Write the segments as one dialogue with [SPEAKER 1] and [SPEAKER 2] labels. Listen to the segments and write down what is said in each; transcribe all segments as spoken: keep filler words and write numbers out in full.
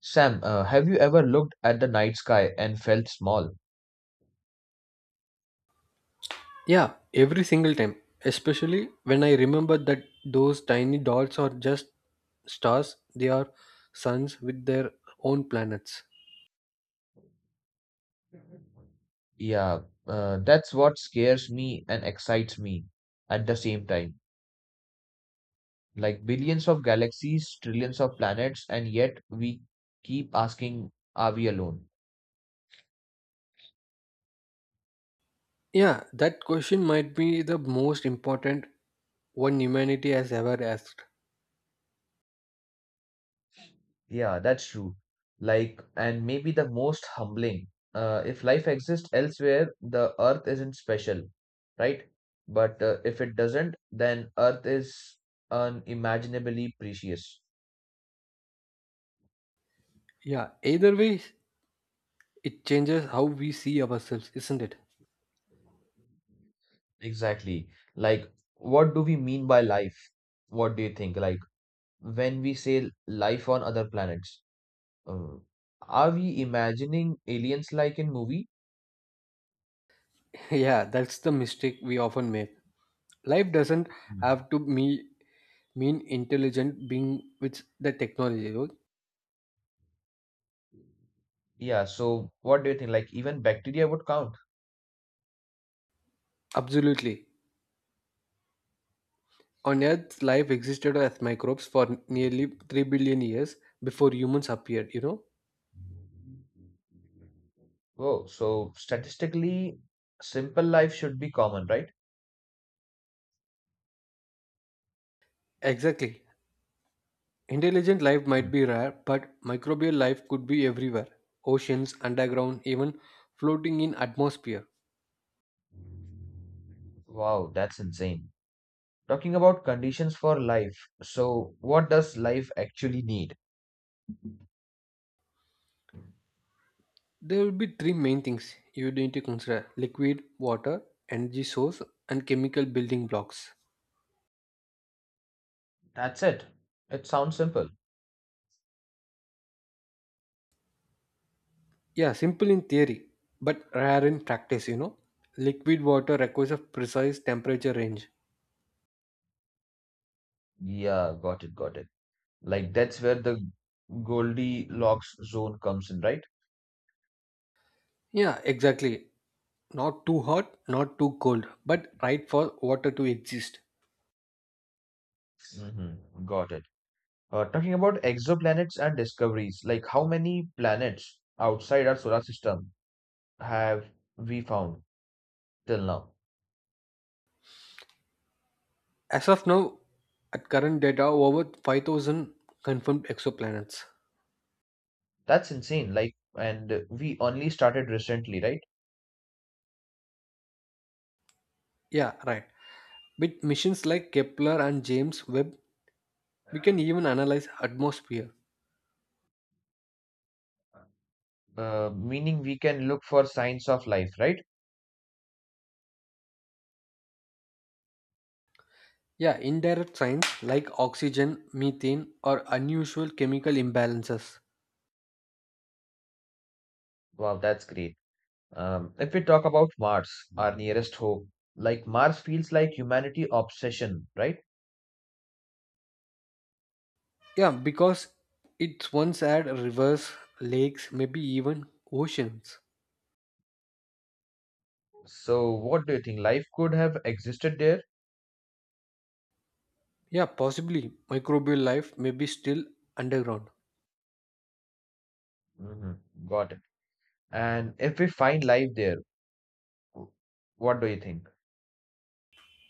[SPEAKER 1] Sam, uh, have you ever looked at the night sky and felt small?
[SPEAKER 2] Yeah, every single time, especially when I remember that those tiny dots are just stars, they are suns with their own planets.
[SPEAKER 1] Yeah, uh, that's what scares me and excites me at the same time. Like billions of galaxies, trillions of planets, and yet we keep asking, are we alone?
[SPEAKER 2] Yeah, that question might be the most important one humanity has ever asked.
[SPEAKER 1] Yeah, that's true. Like, and maybe the most humbling. Uh, if life exists elsewhere, the Earth isn't special, right? But uh, if it doesn't, then Earth is unimaginably precious.
[SPEAKER 2] Yeah, either way, it changes how we see ourselves, isn't it?
[SPEAKER 1] Exactly. Like, what do we mean by life? What do you think? Like, when we say life on other planets, uh, are we imagining aliens like in movie?
[SPEAKER 2] yeah, that's the mistake we often make. Life doesn't
[SPEAKER 1] Mm.
[SPEAKER 2] have to me mean intelligent being with the technology.
[SPEAKER 1] Yeah, so what do you think? Like, even bacteria would count.
[SPEAKER 2] Absolutely. On Earth, life existed as microbes for nearly three billion years before humans appeared, you know?
[SPEAKER 1] Whoa, so statistically, simple life should be common, right?
[SPEAKER 2] Exactly. Intelligent life might
[SPEAKER 1] Mm.
[SPEAKER 2] be rare, but microbial life could be everywhere oceans, underground, even floating in atmosphere.
[SPEAKER 1] Wow, that's insane. Talking about conditions for life, so what does life actually need?
[SPEAKER 2] There will be three main things you need to consider liquid, water, energy source, and chemical building blocks.
[SPEAKER 1] That's it. It sounds simple.
[SPEAKER 2] Yeah, simple in theory, but rare in practice, you know? Liquid water requires a precise temperature range.
[SPEAKER 1] Yeah, got it, got it. Like that's where the Goldilocks zone comes in, right?
[SPEAKER 2] Yeah, exactly. Not too hot, not too cold, but right for water to exist.
[SPEAKER 1] Mm-hmm. Got it. Uh, talking about exoplanets and discoveries, like how many planets outside our solar system have we found till now?
[SPEAKER 2] As of now, at current data, over five thousand confirmed exoplanets.
[SPEAKER 1] That's insane. Like, and we only started recently, right?
[SPEAKER 2] Yeah, right. With missions like Kepler and James Webb, we can even analyze atmosphere.
[SPEAKER 1] Uh, meaning we can look for signs of life, right?
[SPEAKER 2] Yeah, indirect signs like oxygen, methane, or unusual chemical imbalances.
[SPEAKER 1] Wow, that's great. Um, if we talk about Mars, our nearest hope, like Mars feels like humanity obsession, right?
[SPEAKER 2] Yeah, because it's once had rivers, lakes, maybe even oceans.
[SPEAKER 1] So, what do you think? Life could have existed there?
[SPEAKER 2] Yeah, possibly microbial life may be still underground.
[SPEAKER 1] Hmm. Got it. And if we find life there, w- what do you think?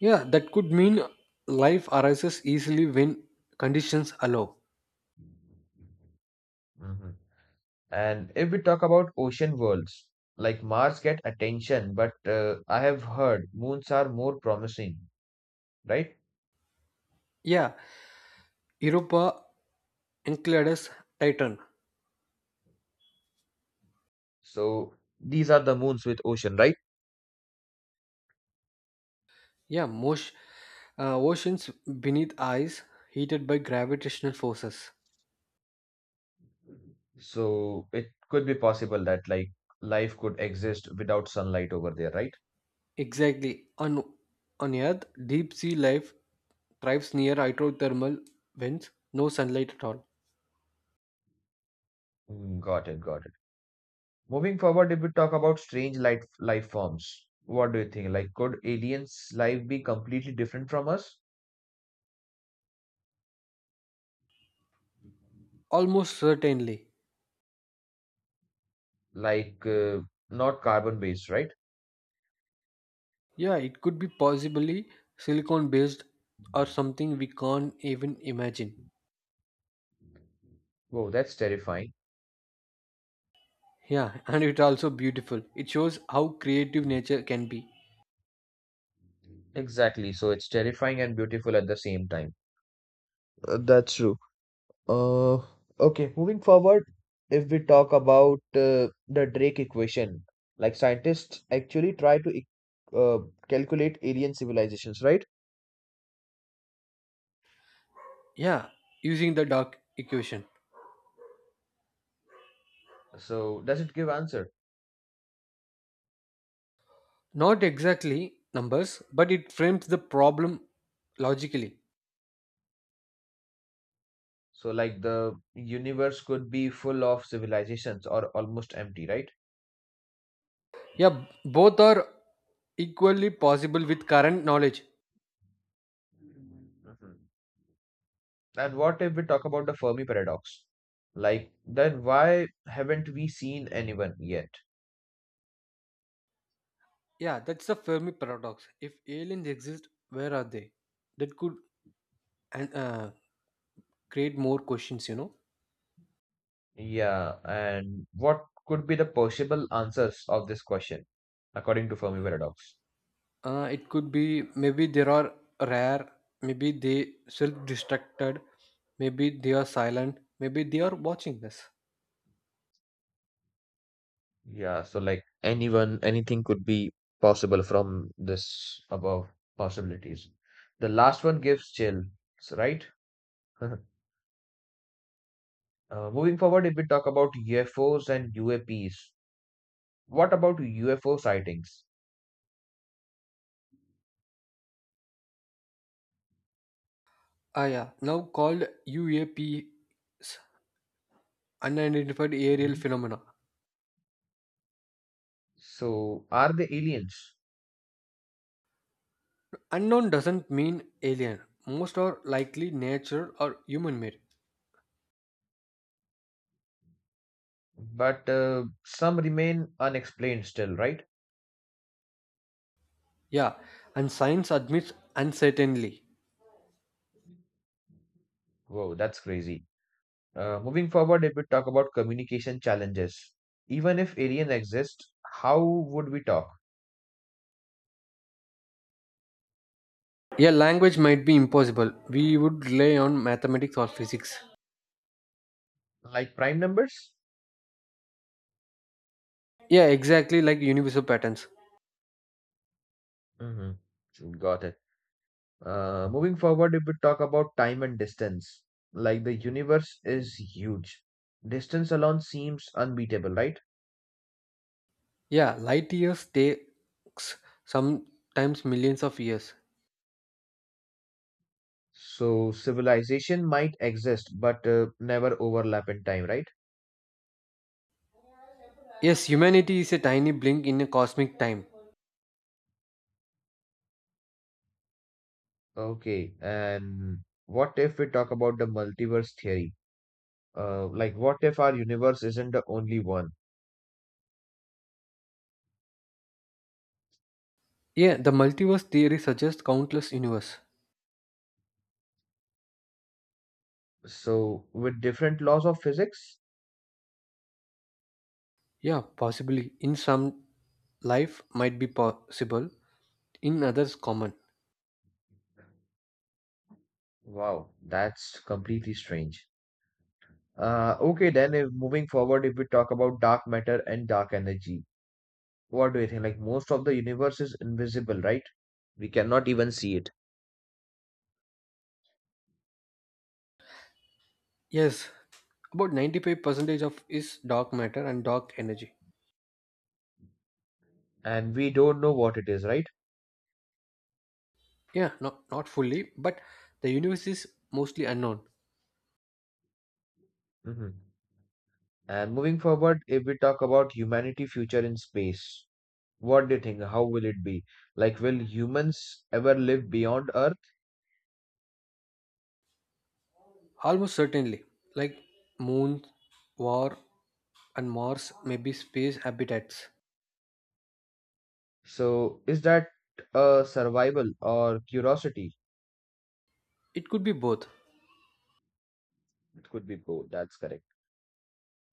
[SPEAKER 2] Yeah, that could mean life arises easily when conditions allow.
[SPEAKER 1] Hmm. And if we talk about ocean worlds, like Mars get attention, but uh, I have heard moons are more promising, right?
[SPEAKER 2] Yeah, Europa, Enceladus, Titan.
[SPEAKER 1] So these are the moons with ocean, right?
[SPEAKER 2] Yeah, most uh, oceans beneath ice heated by gravitational forces.
[SPEAKER 1] So it could be possible that like life could exist without sunlight over there, right?
[SPEAKER 2] Exactly. On on Earth, deep sea life thrives near hydrothermal vents, no sunlight at all.
[SPEAKER 1] Mm, got it, got it. Moving forward, if we talk about strange life life forms, what do you think? Like, could aliens' life be completely different from us?
[SPEAKER 2] Almost certainly.
[SPEAKER 1] Like, uh, not carbon based, right?
[SPEAKER 2] Yeah, it could be possibly silicon based or something we can't even imagine.
[SPEAKER 1] Whoa, that's terrifying.
[SPEAKER 2] Yeah, and it's also beautiful. It shows how creative nature can be.
[SPEAKER 1] Exactly. So it's terrifying and beautiful at the same time. Uh, that's true. Uh, okay, moving forward, if we talk about uh, the Drake equation, like scientists actually try to e- uh, calculate alien civilizations, right?
[SPEAKER 2] Yeah, using the dark equation.
[SPEAKER 1] So does it give answer?
[SPEAKER 2] Not exactly numbers, but it frames the problem logically.
[SPEAKER 1] So, like the universe could be full of civilizations or almost empty, right?
[SPEAKER 2] Yeah, both are equally possible with current knowledge.
[SPEAKER 1] Mhm. And what if we talk about the Fermi paradox? Like, then why haven't we seen anyone yet?
[SPEAKER 2] Yeah, that's the Fermi paradox. If aliens exist, where are they? That could and uh, create more questions, you know.
[SPEAKER 1] Yeah, and what could be the possible answers of this question according to Fermi paradox?
[SPEAKER 2] Uh, it could be maybe there are rare, maybe they self-destructed, maybe they are silent, maybe they are watching us.
[SPEAKER 1] Yeah, so like anyone, anything could be possible from this above possibilities. The last one gives chills, right? Uh, moving forward, if we talk about U F Os and U A Ps, what about U F O sightings?
[SPEAKER 2] Ah, yeah, now called U A Ps, unidentified aerial
[SPEAKER 1] Mhm.
[SPEAKER 2] phenomena.
[SPEAKER 1] So, are they aliens?
[SPEAKER 2] Unknown doesn't mean alien. Most are likely nature or human-made.
[SPEAKER 1] But uh, some remain unexplained still, right?
[SPEAKER 2] Yeah, and science admits uncertainly.
[SPEAKER 1] Whoa, that's crazy. Uh, moving forward, if we talk about communication challenges, even if aliens exist, how would we talk?
[SPEAKER 2] Yeah, language might be impossible. We would rely on mathematics or physics.
[SPEAKER 1] Like prime numbers?
[SPEAKER 2] Yeah, exactly, like universal patterns.
[SPEAKER 1] Mm-hmm. Got it. Uh, moving forward, if we talk about time and distance, like the universe is huge. Distance alone seems unbeatable, right?
[SPEAKER 2] Yeah, light years takes sometimes millions of years.
[SPEAKER 1] So civilization might exist, but uh, never overlap in time, right?
[SPEAKER 2] Yes, humanity is a tiny blink in a cosmic time.
[SPEAKER 1] Okay, and what if we talk about the multiverse theory? Uh, like, what if our universe isn't the only one?
[SPEAKER 2] Yeah, the multiverse theory suggests countless universe.
[SPEAKER 1] So, with different laws of physics?
[SPEAKER 2] Yeah, possibly. In some, life might be possible. In others, common.
[SPEAKER 1] Wow, that's completely strange. Uh, okay, then if moving forward, if we talk about dark matter and dark energy. What do you think? Like most of the universe is invisible, right? We cannot even see it.
[SPEAKER 2] Yes, about ninety-five percent of is dark matter and dark energy.
[SPEAKER 1] And we don't know what it is, right?
[SPEAKER 2] Yeah, not, not fully, but the universe is mostly unknown.
[SPEAKER 1] Hmm. And moving forward, if we talk about humanity future in space, what do you think? How will it be? Like, will humans ever live beyond Earth?
[SPEAKER 2] Almost certainly. Like moon, war, and Mars may be space habitats.
[SPEAKER 1] So, is that a survival or curiosity?
[SPEAKER 2] It could be both.
[SPEAKER 1] It could be both. That's correct.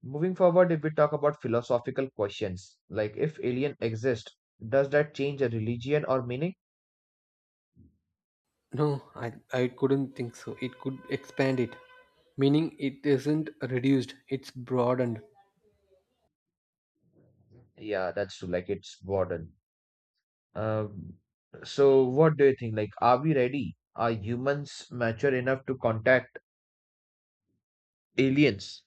[SPEAKER 1] Moving forward, if we talk about philosophical questions, like if alien exist, does that change a religion or meaning?
[SPEAKER 2] No, I, I couldn't think so. It could expand it, meaning it isn't reduced, it's broadened.
[SPEAKER 1] Yeah, that's true. Like it's border. Um, so, what do you think? Like, are we ready? Are humans mature enough to contact aliens?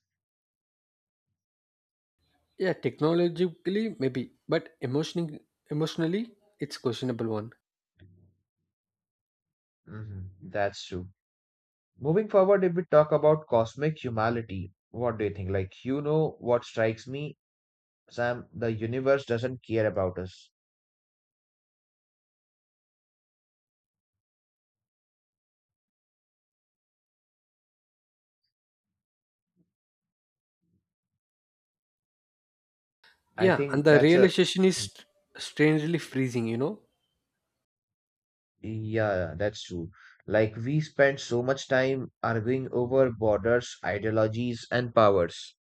[SPEAKER 2] Yeah, technologically, maybe, but emotionally, emotionally it's questionable one.
[SPEAKER 1] Hmm, that's true. Moving forward, if we talk about cosmic humanity, what do you think? Like, you know what strikes me, Sam? The universe doesn't care about us. I
[SPEAKER 2] Yeah, and
[SPEAKER 1] think
[SPEAKER 2] the
[SPEAKER 1] that's a
[SPEAKER 2] realization is st- strangely freezing, you know?
[SPEAKER 1] yeah, that's true. Like, we spend so much time arguing over borders, ideologies, and powers.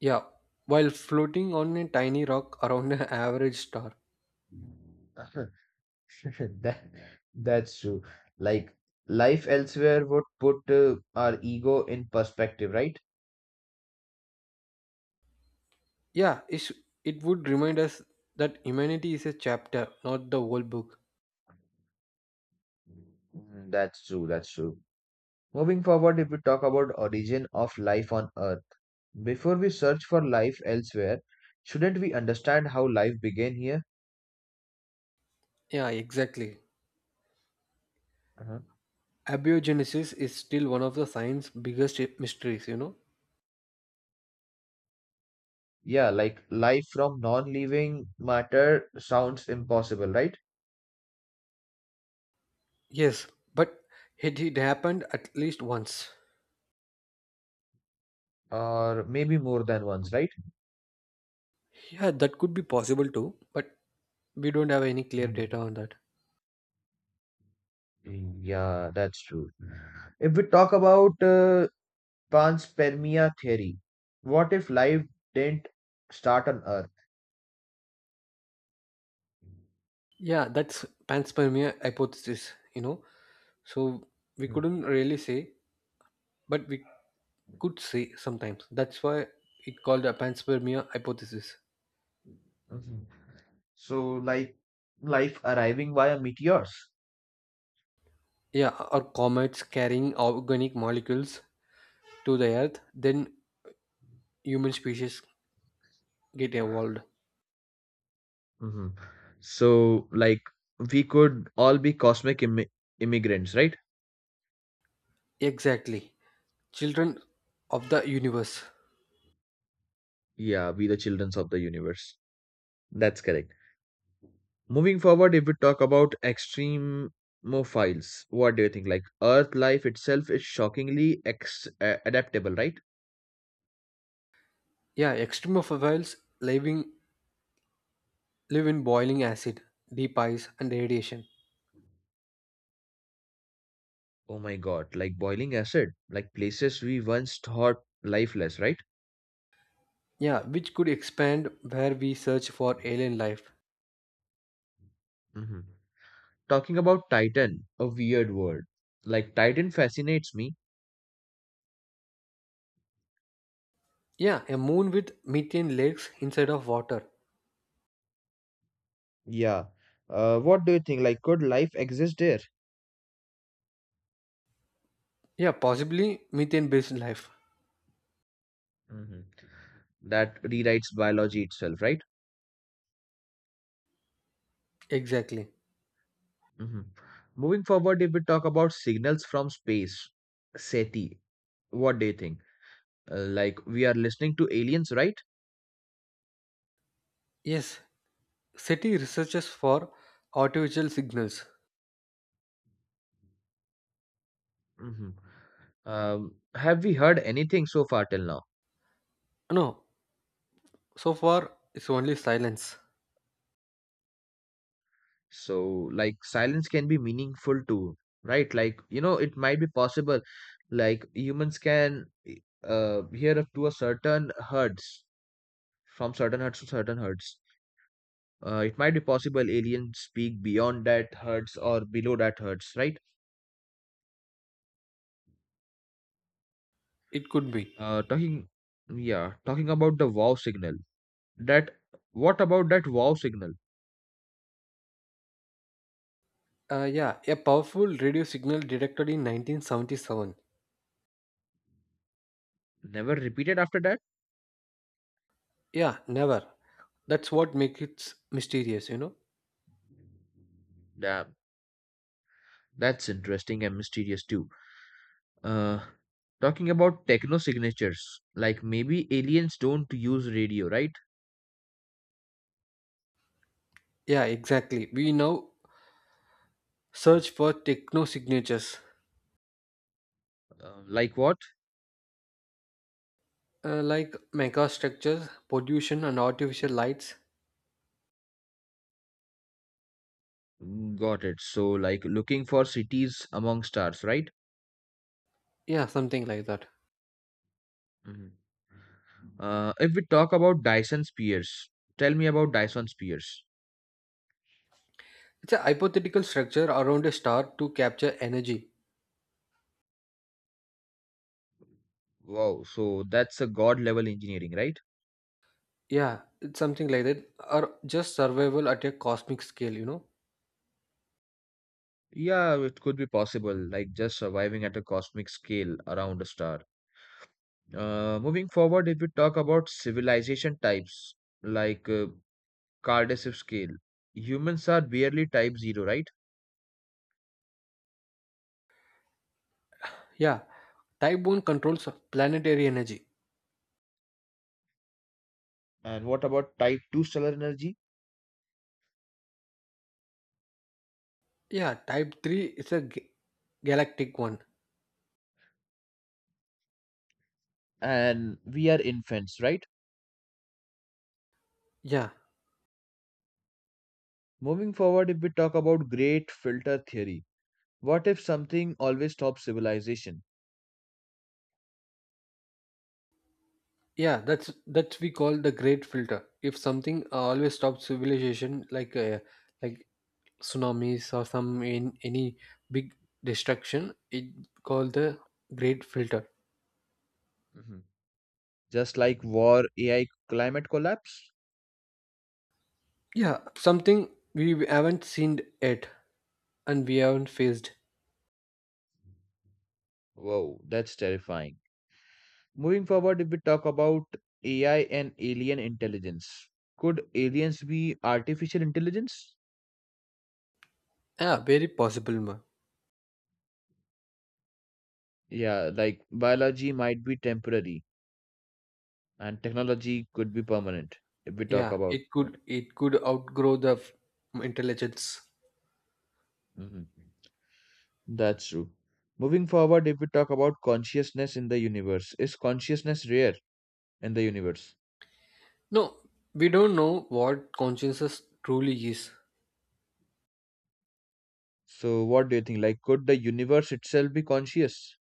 [SPEAKER 2] Yeah, while floating on a tiny rock around an average star.
[SPEAKER 1] That that's true. Like life elsewhere would put uh, our ego in perspective, right?
[SPEAKER 2] Yeah, it's, it would remind us that humanity is a chapter, not the whole book.
[SPEAKER 1] Mm, that's true, that's true. Moving forward, if we talk about origin of life on Earth, before we search for life elsewhere, shouldn't we understand how life began here?
[SPEAKER 2] Yeah, exactly.
[SPEAKER 1] Uh-huh.
[SPEAKER 2] Abiogenesis is still one of the science's biggest mysteries, you know
[SPEAKER 1] Yeah, like life from non-living matter sounds impossible, right?
[SPEAKER 2] yes, but it, it happened at least once.
[SPEAKER 1] Or maybe more than once, right?
[SPEAKER 2] Yeah, that could be possible too, but we don't have any clear data
[SPEAKER 1] Mhm.
[SPEAKER 2] on that.
[SPEAKER 1] Yeah, that's true. If we talk about uh, panspermia theory. What if life didn't start on Earth?
[SPEAKER 2] Yeah, that's panspermia hypothesis, you know so we couldn't
[SPEAKER 1] Mhm.
[SPEAKER 2] really say, but we could say sometimes that's why it called a panspermia hypothesis.
[SPEAKER 1] Mhm. So, like life arriving via meteors.
[SPEAKER 2] Yeah, or comets carrying organic molecules to the earth, then human species get evolved.
[SPEAKER 1] Mhm. So, like we could all be cosmic immi- immigrants, right?
[SPEAKER 2] Exactly. Children of the universe.
[SPEAKER 1] Yeah, we the children of the universe. That's correct. Moving forward, if we talk about extremophiles, what do you think? Like Earth life itself is shockingly ex- uh, adaptable, right?
[SPEAKER 2] Yeah, extremophiles living live in boiling acid, deep ice, and radiation.
[SPEAKER 1] Oh my God, like boiling acid, like places we once thought lifeless, right?
[SPEAKER 2] Yeah, which could expand where we search for alien life.
[SPEAKER 1] Hmm. Talking about Titan, a weird word. Like Titan fascinates me.
[SPEAKER 2] Yeah, a moon with methane lakes inside of water.
[SPEAKER 1] Yeah. Uh, what do you think? Like, could life exist there?
[SPEAKER 2] Yeah, possibly methane based life.
[SPEAKER 1] Hmm. That rewrites biology itself, right?
[SPEAKER 2] Exactly.
[SPEAKER 1] Hmm. Moving forward, if we talk about signals from space, SETI, what do you think? Uh, like we are listening to aliens, right?
[SPEAKER 2] Yes, SETI researches for artificial signals.
[SPEAKER 1] Hmm. Um, have we heard anything so far till now?
[SPEAKER 2] No, so far it's only silence.
[SPEAKER 1] So like silence can be meaningful too, right? Like you know it might be possible like humans can uh hear up to a certain herds, from certain herds to certain herds. Uh, it might be possible aliens speak beyond that herds or below that herds, right?
[SPEAKER 2] It could be.
[SPEAKER 1] uh talking Yeah, talking about the wow signal, that what about that wow signal,
[SPEAKER 2] Uh, yeah, a powerful radio signal detected in nineteen seventy-seven.
[SPEAKER 1] never repeated after that.
[SPEAKER 2] Yeah, never. That's what makes it mysterious, you know?
[SPEAKER 1] Damn, that's interesting and mysterious too. Uh, Talking about techno signatures, like maybe aliens don't use radio, right?
[SPEAKER 2] Yeah, exactly. We now search for techno signatures,
[SPEAKER 1] Uh, like what?
[SPEAKER 2] uh, like mega structures, pollution, and artificial lights.
[SPEAKER 1] Got it. So, like looking for cities among stars, right?
[SPEAKER 2] Yeah, something like that.
[SPEAKER 1] Mhm. Uh, if we talk about Dyson spheres, tell me about Dyson spheres.
[SPEAKER 2] It's a hypothetical structure around a star to capture energy.
[SPEAKER 1] Wow, so that's a god level engineering, right?
[SPEAKER 2] Yeah, it's something like that. Or just survival at a cosmic scale, you know?
[SPEAKER 1] Yeah, it could be possible, like just surviving at a cosmic scale around a star. Uh, moving forward, if we talk about civilization types, like uh, Kardashev scale. Humans are barely type zero, right?
[SPEAKER 2] Yeah, type one controls planetary energy.
[SPEAKER 1] And what about type two stellar energy?
[SPEAKER 2] Yeah, type three is a ga- galactic one.
[SPEAKER 1] And we are infants, right?
[SPEAKER 2] Yeah,
[SPEAKER 1] Moving forward, if we talk about great filter theory, what if something always stops civilization?
[SPEAKER 2] Yeah, that's that's we call the great filter. If something uh, always stops civilization, like uh, like tsunamis or some in any big destruction, it called the great filter.
[SPEAKER 1] Mhm. Just like war, A I, climate collapse?
[SPEAKER 2] Yeah, something we haven't seen yet and we haven't faced.
[SPEAKER 1] Whoa, that's terrifying. Moving forward, if we talk about A I and alien intelligence, could aliens be artificial intelligence?
[SPEAKER 2] Yeah, very possible, ma.
[SPEAKER 1] Yeah, like biology might be temporary, and technology could be permanent if we talk
[SPEAKER 2] Yeah,
[SPEAKER 1] about
[SPEAKER 2] it could
[SPEAKER 1] that.
[SPEAKER 2] it could outgrow the f- intelligence.
[SPEAKER 1] Mhm. That's true. Moving forward, if we talk about consciousness in the universe, is consciousness rare in the universe?
[SPEAKER 2] No, we don't know what consciousness truly is.
[SPEAKER 1] So, what do you think? Like, could the universe itself be conscious?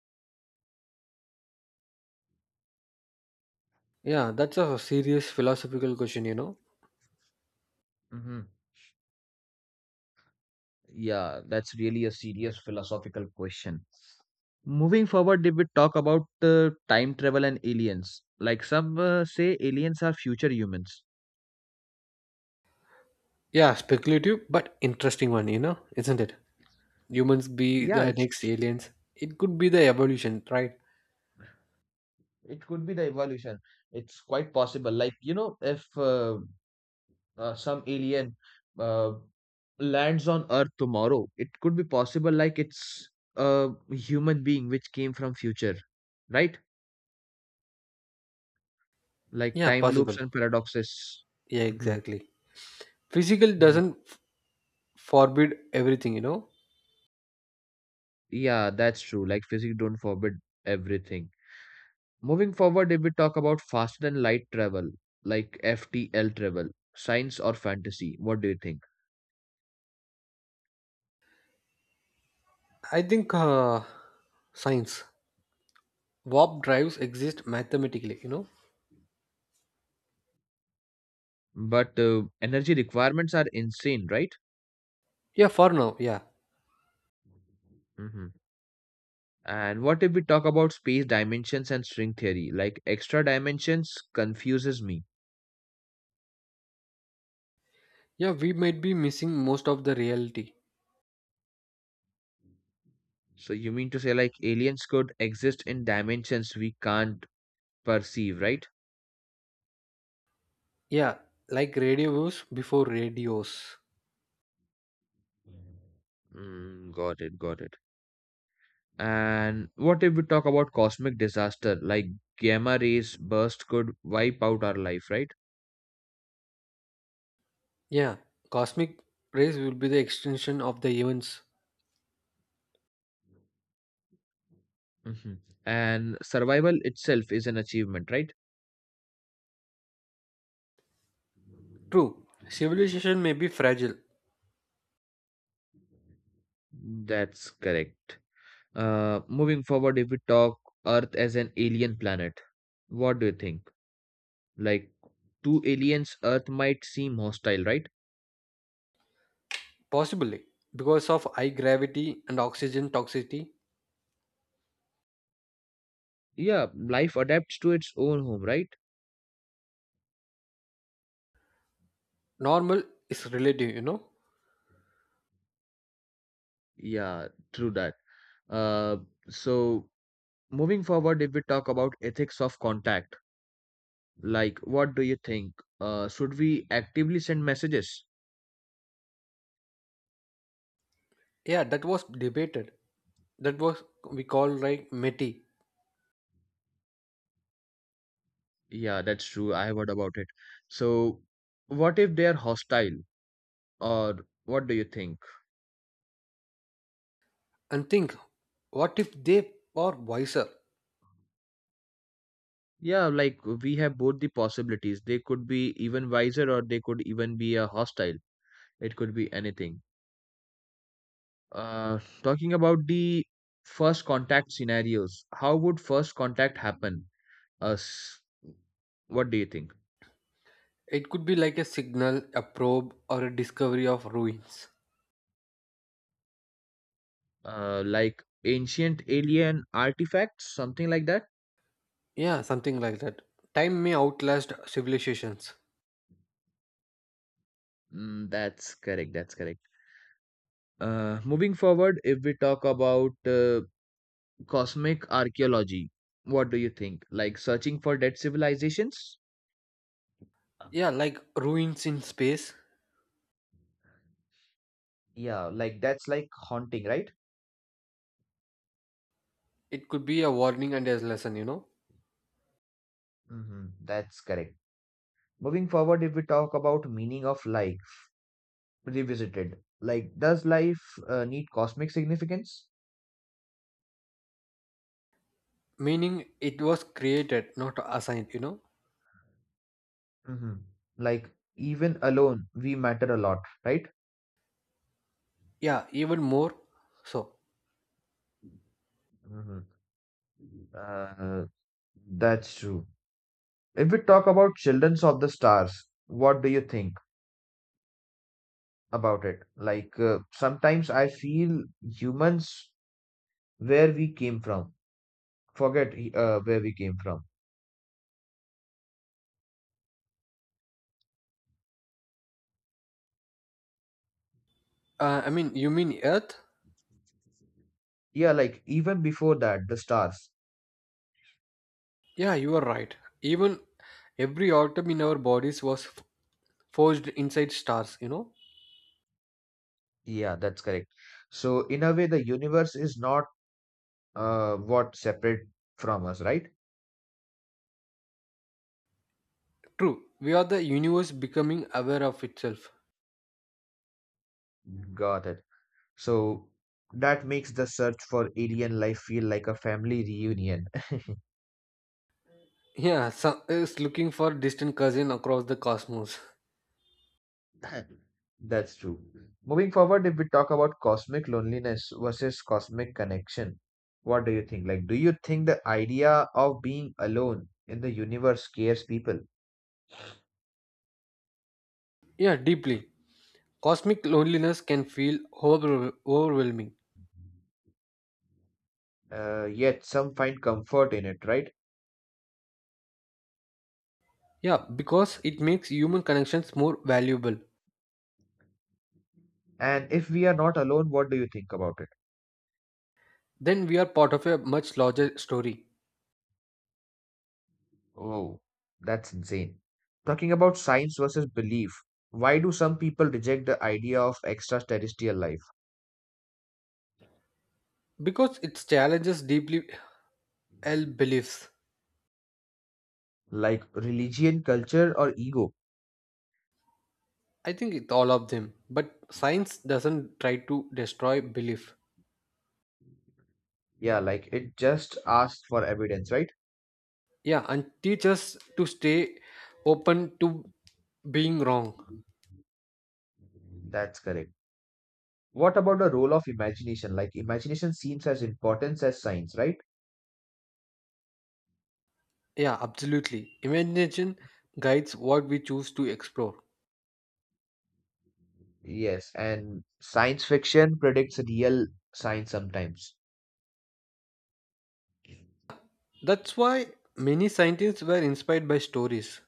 [SPEAKER 2] Yeah, that's a serious philosophical question, you know.
[SPEAKER 1] Hmm. Yeah, that's really a serious philosophical question. Moving forward, if we talk about uh, time travel and aliens, like some uh, say aliens are future humans.
[SPEAKER 2] Yeah, speculative but interesting one, you know, isn't it? Humans be
[SPEAKER 1] Yeah,
[SPEAKER 2] the
[SPEAKER 1] it's
[SPEAKER 2] next aliens. It could be the evolution, right?
[SPEAKER 1] it could be the evolution. It's quite possible. Like you know, if uh, uh, some alien uh, lands on earth tomorrow, it could be possible like it's a human being which came from future, right? Like
[SPEAKER 2] Yeah,
[SPEAKER 1] time loops
[SPEAKER 2] possible.
[SPEAKER 1] and paradoxes.
[SPEAKER 2] Yeah,
[SPEAKER 1] Mhm.
[SPEAKER 2] exactly. Physical
[SPEAKER 1] Mhm.
[SPEAKER 2] doesn't f- forbid everything, you know.
[SPEAKER 1] Yeah, that's true, like physics don't forbid everything. Moving forward, if we talk about faster than light travel, like F T L travel, science or fantasy, what do you think?
[SPEAKER 2] I think uh, science warp drives exist mathematically, you know.
[SPEAKER 1] But uh, energy requirements are insane, right?
[SPEAKER 2] Yeah, for now, yeah.
[SPEAKER 1] Mhm. And what if we talk about space dimensions and string theory? Like extra dimensions confuses me.
[SPEAKER 2] Yeah, we might be missing most of the reality.
[SPEAKER 1] So you mean to say like aliens could exist in dimensions we can't perceive, right?
[SPEAKER 2] Yeah, like radio waves before radios.
[SPEAKER 1] Mm, got it, got it. And what if we talk about cosmic disaster? Like gamma rays burst could wipe out our life, right?
[SPEAKER 2] Yeah, cosmic rays will be the extension of the events.
[SPEAKER 1] Hmm. And survival itself is an achievement, right?
[SPEAKER 2] True, civilization may be fragile,
[SPEAKER 1] That's correct. Uh, moving forward, if we talk Earth as an alien planet, what do you think? Like, to aliens, Earth might seem hostile, right?
[SPEAKER 2] possibly because of high gravity and oxygen toxicity.
[SPEAKER 1] Yeah, life adapts to its own home, right?
[SPEAKER 2] Normal is relative, you know.
[SPEAKER 1] Yeah, true that. Uh, so moving forward, if we talk about ethics of contact, like what do you think? Uh, should we actively send messages?
[SPEAKER 2] Yeah, that was debated. That was we call like meti.
[SPEAKER 1] Yeah, that's true. I have heard about it. So, what if they are hostile, or what do you think?
[SPEAKER 2] And think, what if they are wiser?
[SPEAKER 1] Yeah, like we have both the possibilities. They could be even wiser or they could even be a hostile. It could be anything. Uh, talking about the first contact scenarios, how would first contact happen? Us, what do you think?
[SPEAKER 2] It could be like a signal, a probe, or a discovery of ruins.
[SPEAKER 1] Uh, like ancient alien artifacts, something like that?
[SPEAKER 2] Yeah, something like that. Time may outlast civilizations.
[SPEAKER 1] Mm, that's correct. That's correct. Uh, moving forward, if we talk about uh, cosmic archaeology, what do you think? Like searching for dead civilizations?
[SPEAKER 2] Yeah, like ruins in space.
[SPEAKER 1] Yeah, like that's like haunting, right?
[SPEAKER 2] It could be a warning and a lesson, you know.
[SPEAKER 1] Hmm, that's correct. Moving forward, if we talk about meaning of life revisited, like does life uh, need cosmic significance?
[SPEAKER 2] Meaning it was created, not assigned, you know
[SPEAKER 1] Hmm. Like even alone, we matter a lot, right?
[SPEAKER 2] yeah, even more so.
[SPEAKER 1] Hmm. Uh, that's true. If we talk about Children's of the Stars, what do you think about it? Like, uh, sometimes I feel humans, where we came from, forget uh, where we came from.
[SPEAKER 2] Uh, i mean you mean earth.
[SPEAKER 1] Yeah, like even before that, the stars.
[SPEAKER 2] Yeah, you are right. Even every atom in our bodies was f- forged inside stars, you know.
[SPEAKER 1] Yeah, that's correct. So, in a way, the universe is not uh, what separate from us, right?
[SPEAKER 2] True, we are the universe becoming aware of itself.
[SPEAKER 1] Got it. So, that makes the search for alien life feel like a family reunion.
[SPEAKER 2] Yeah, some is looking for distant cousin across the cosmos.
[SPEAKER 1] That's true. Moving forward, if we talk about cosmic loneliness versus cosmic connection, what do you think? Like, do you think the idea of being alone in the universe scares people?
[SPEAKER 2] Yeah, deeply, cosmic loneliness can feel overwhel- overwhelming.
[SPEAKER 1] Uh, yet some find comfort in it, right?
[SPEAKER 2] Yeah, because it makes human connections more valuable.
[SPEAKER 1] And if we are not alone, what do you think about it?
[SPEAKER 2] Then we are part of a much larger story,
[SPEAKER 1] Oh, that's insane. Talking about science versus belief, why do some people reject the idea of extraterrestrial life?
[SPEAKER 2] because it challenges deeply held beliefs.
[SPEAKER 1] Like religion, culture, or ego?
[SPEAKER 2] I think it's all of them, but science doesn't try to destroy belief.
[SPEAKER 1] Yeah, like it just asks for evidence, right?
[SPEAKER 2] Yeah, and teach us to stay open to being wrong.
[SPEAKER 1] That's correct. What about the role of imagination? Like imagination seems as important as science, right?
[SPEAKER 2] Yeah, absolutely. Imagination guides what we choose to explore.
[SPEAKER 1] Yes, and science fiction predicts real science sometimes.
[SPEAKER 2] That's why many scientists were inspired by stories.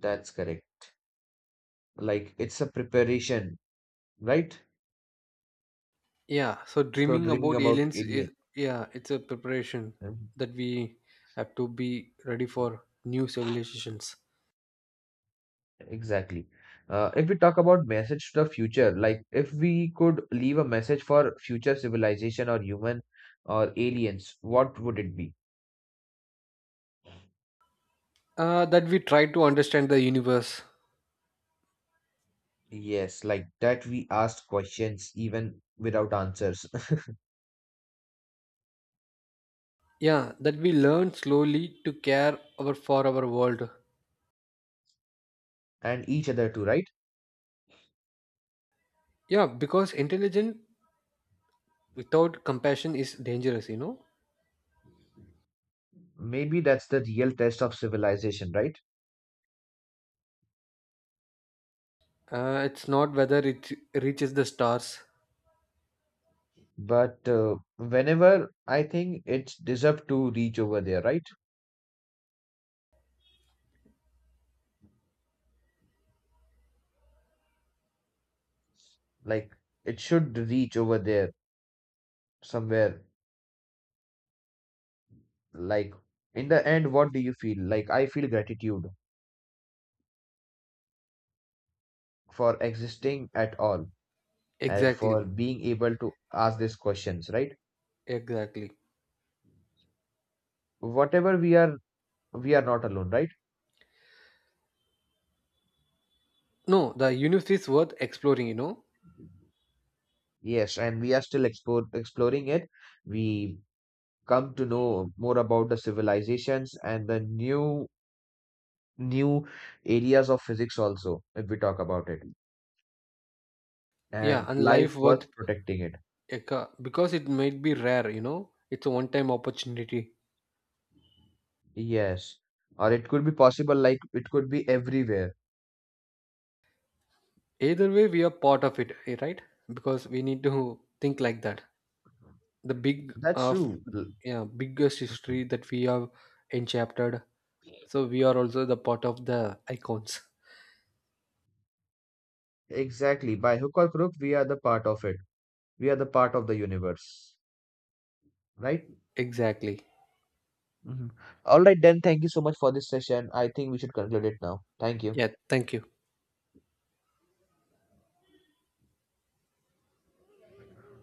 [SPEAKER 1] That's correct. Like it's a preparation, right?
[SPEAKER 2] Yeah, so
[SPEAKER 1] So
[SPEAKER 2] dreaming
[SPEAKER 1] dreaming
[SPEAKER 2] about
[SPEAKER 1] about
[SPEAKER 2] aliens
[SPEAKER 1] alien.
[SPEAKER 2] is, yeah, it's a preparation
[SPEAKER 1] Mhm.
[SPEAKER 2] that we have to be ready for new civilizations.
[SPEAKER 1] Exactly. Uh, if we talk about message to the future, like if we could leave a message for future civilization or human or aliens, what would it be?
[SPEAKER 2] Uh, that we try to understand the universe.
[SPEAKER 1] Yes, like that we asked questions even without answers.
[SPEAKER 2] Yeah, that we learn slowly to care our for our world.
[SPEAKER 1] And each other too, right?
[SPEAKER 2] Yeah, because intelligence without compassion is dangerous. You know,
[SPEAKER 1] Maybe that's the real test of civilization, right?
[SPEAKER 2] uh, it's not whether it reaches the stars.
[SPEAKER 1] But uh, whenever I think it deserved to reach over there, right? Like it should reach over there somewhere, like in the end what do you feel? Like I feel gratitude for existing at all, and
[SPEAKER 2] Exactly,
[SPEAKER 1] for being able to ask these questions, right?
[SPEAKER 2] exactly.
[SPEAKER 1] Whatever we are, we are not alone, right?
[SPEAKER 2] No, the universe is worth exploring. You know,
[SPEAKER 1] Yes, and we are still explore, exploring it. We come to know more about the civilizations and the new new areas of physics also if we talk about it,
[SPEAKER 2] yeah,
[SPEAKER 1] and
[SPEAKER 2] and
[SPEAKER 1] life
[SPEAKER 2] life worth
[SPEAKER 1] worth protecting it.
[SPEAKER 2] a because it might be rare, you know, it's a one time opportunity.
[SPEAKER 1] Yes, or it could be possible like it could be everywhere.
[SPEAKER 2] Either way we are part of it, eh, right, because we need to think like that. The big
[SPEAKER 1] That's
[SPEAKER 2] of,
[SPEAKER 1] true. L-.
[SPEAKER 2] yeah, biggest
[SPEAKER 1] Mhm.
[SPEAKER 2] history that we have enchaptered, so we are also the part of the icons.
[SPEAKER 1] Exactly. By hook or crook, we are the part of it. We are the part of the universe. Right?
[SPEAKER 2] Exactly.
[SPEAKER 1] Mhm. All right, then. Thank you so much for this session. I think we should conclude it now. Thank you.
[SPEAKER 2] Yeah, thank you.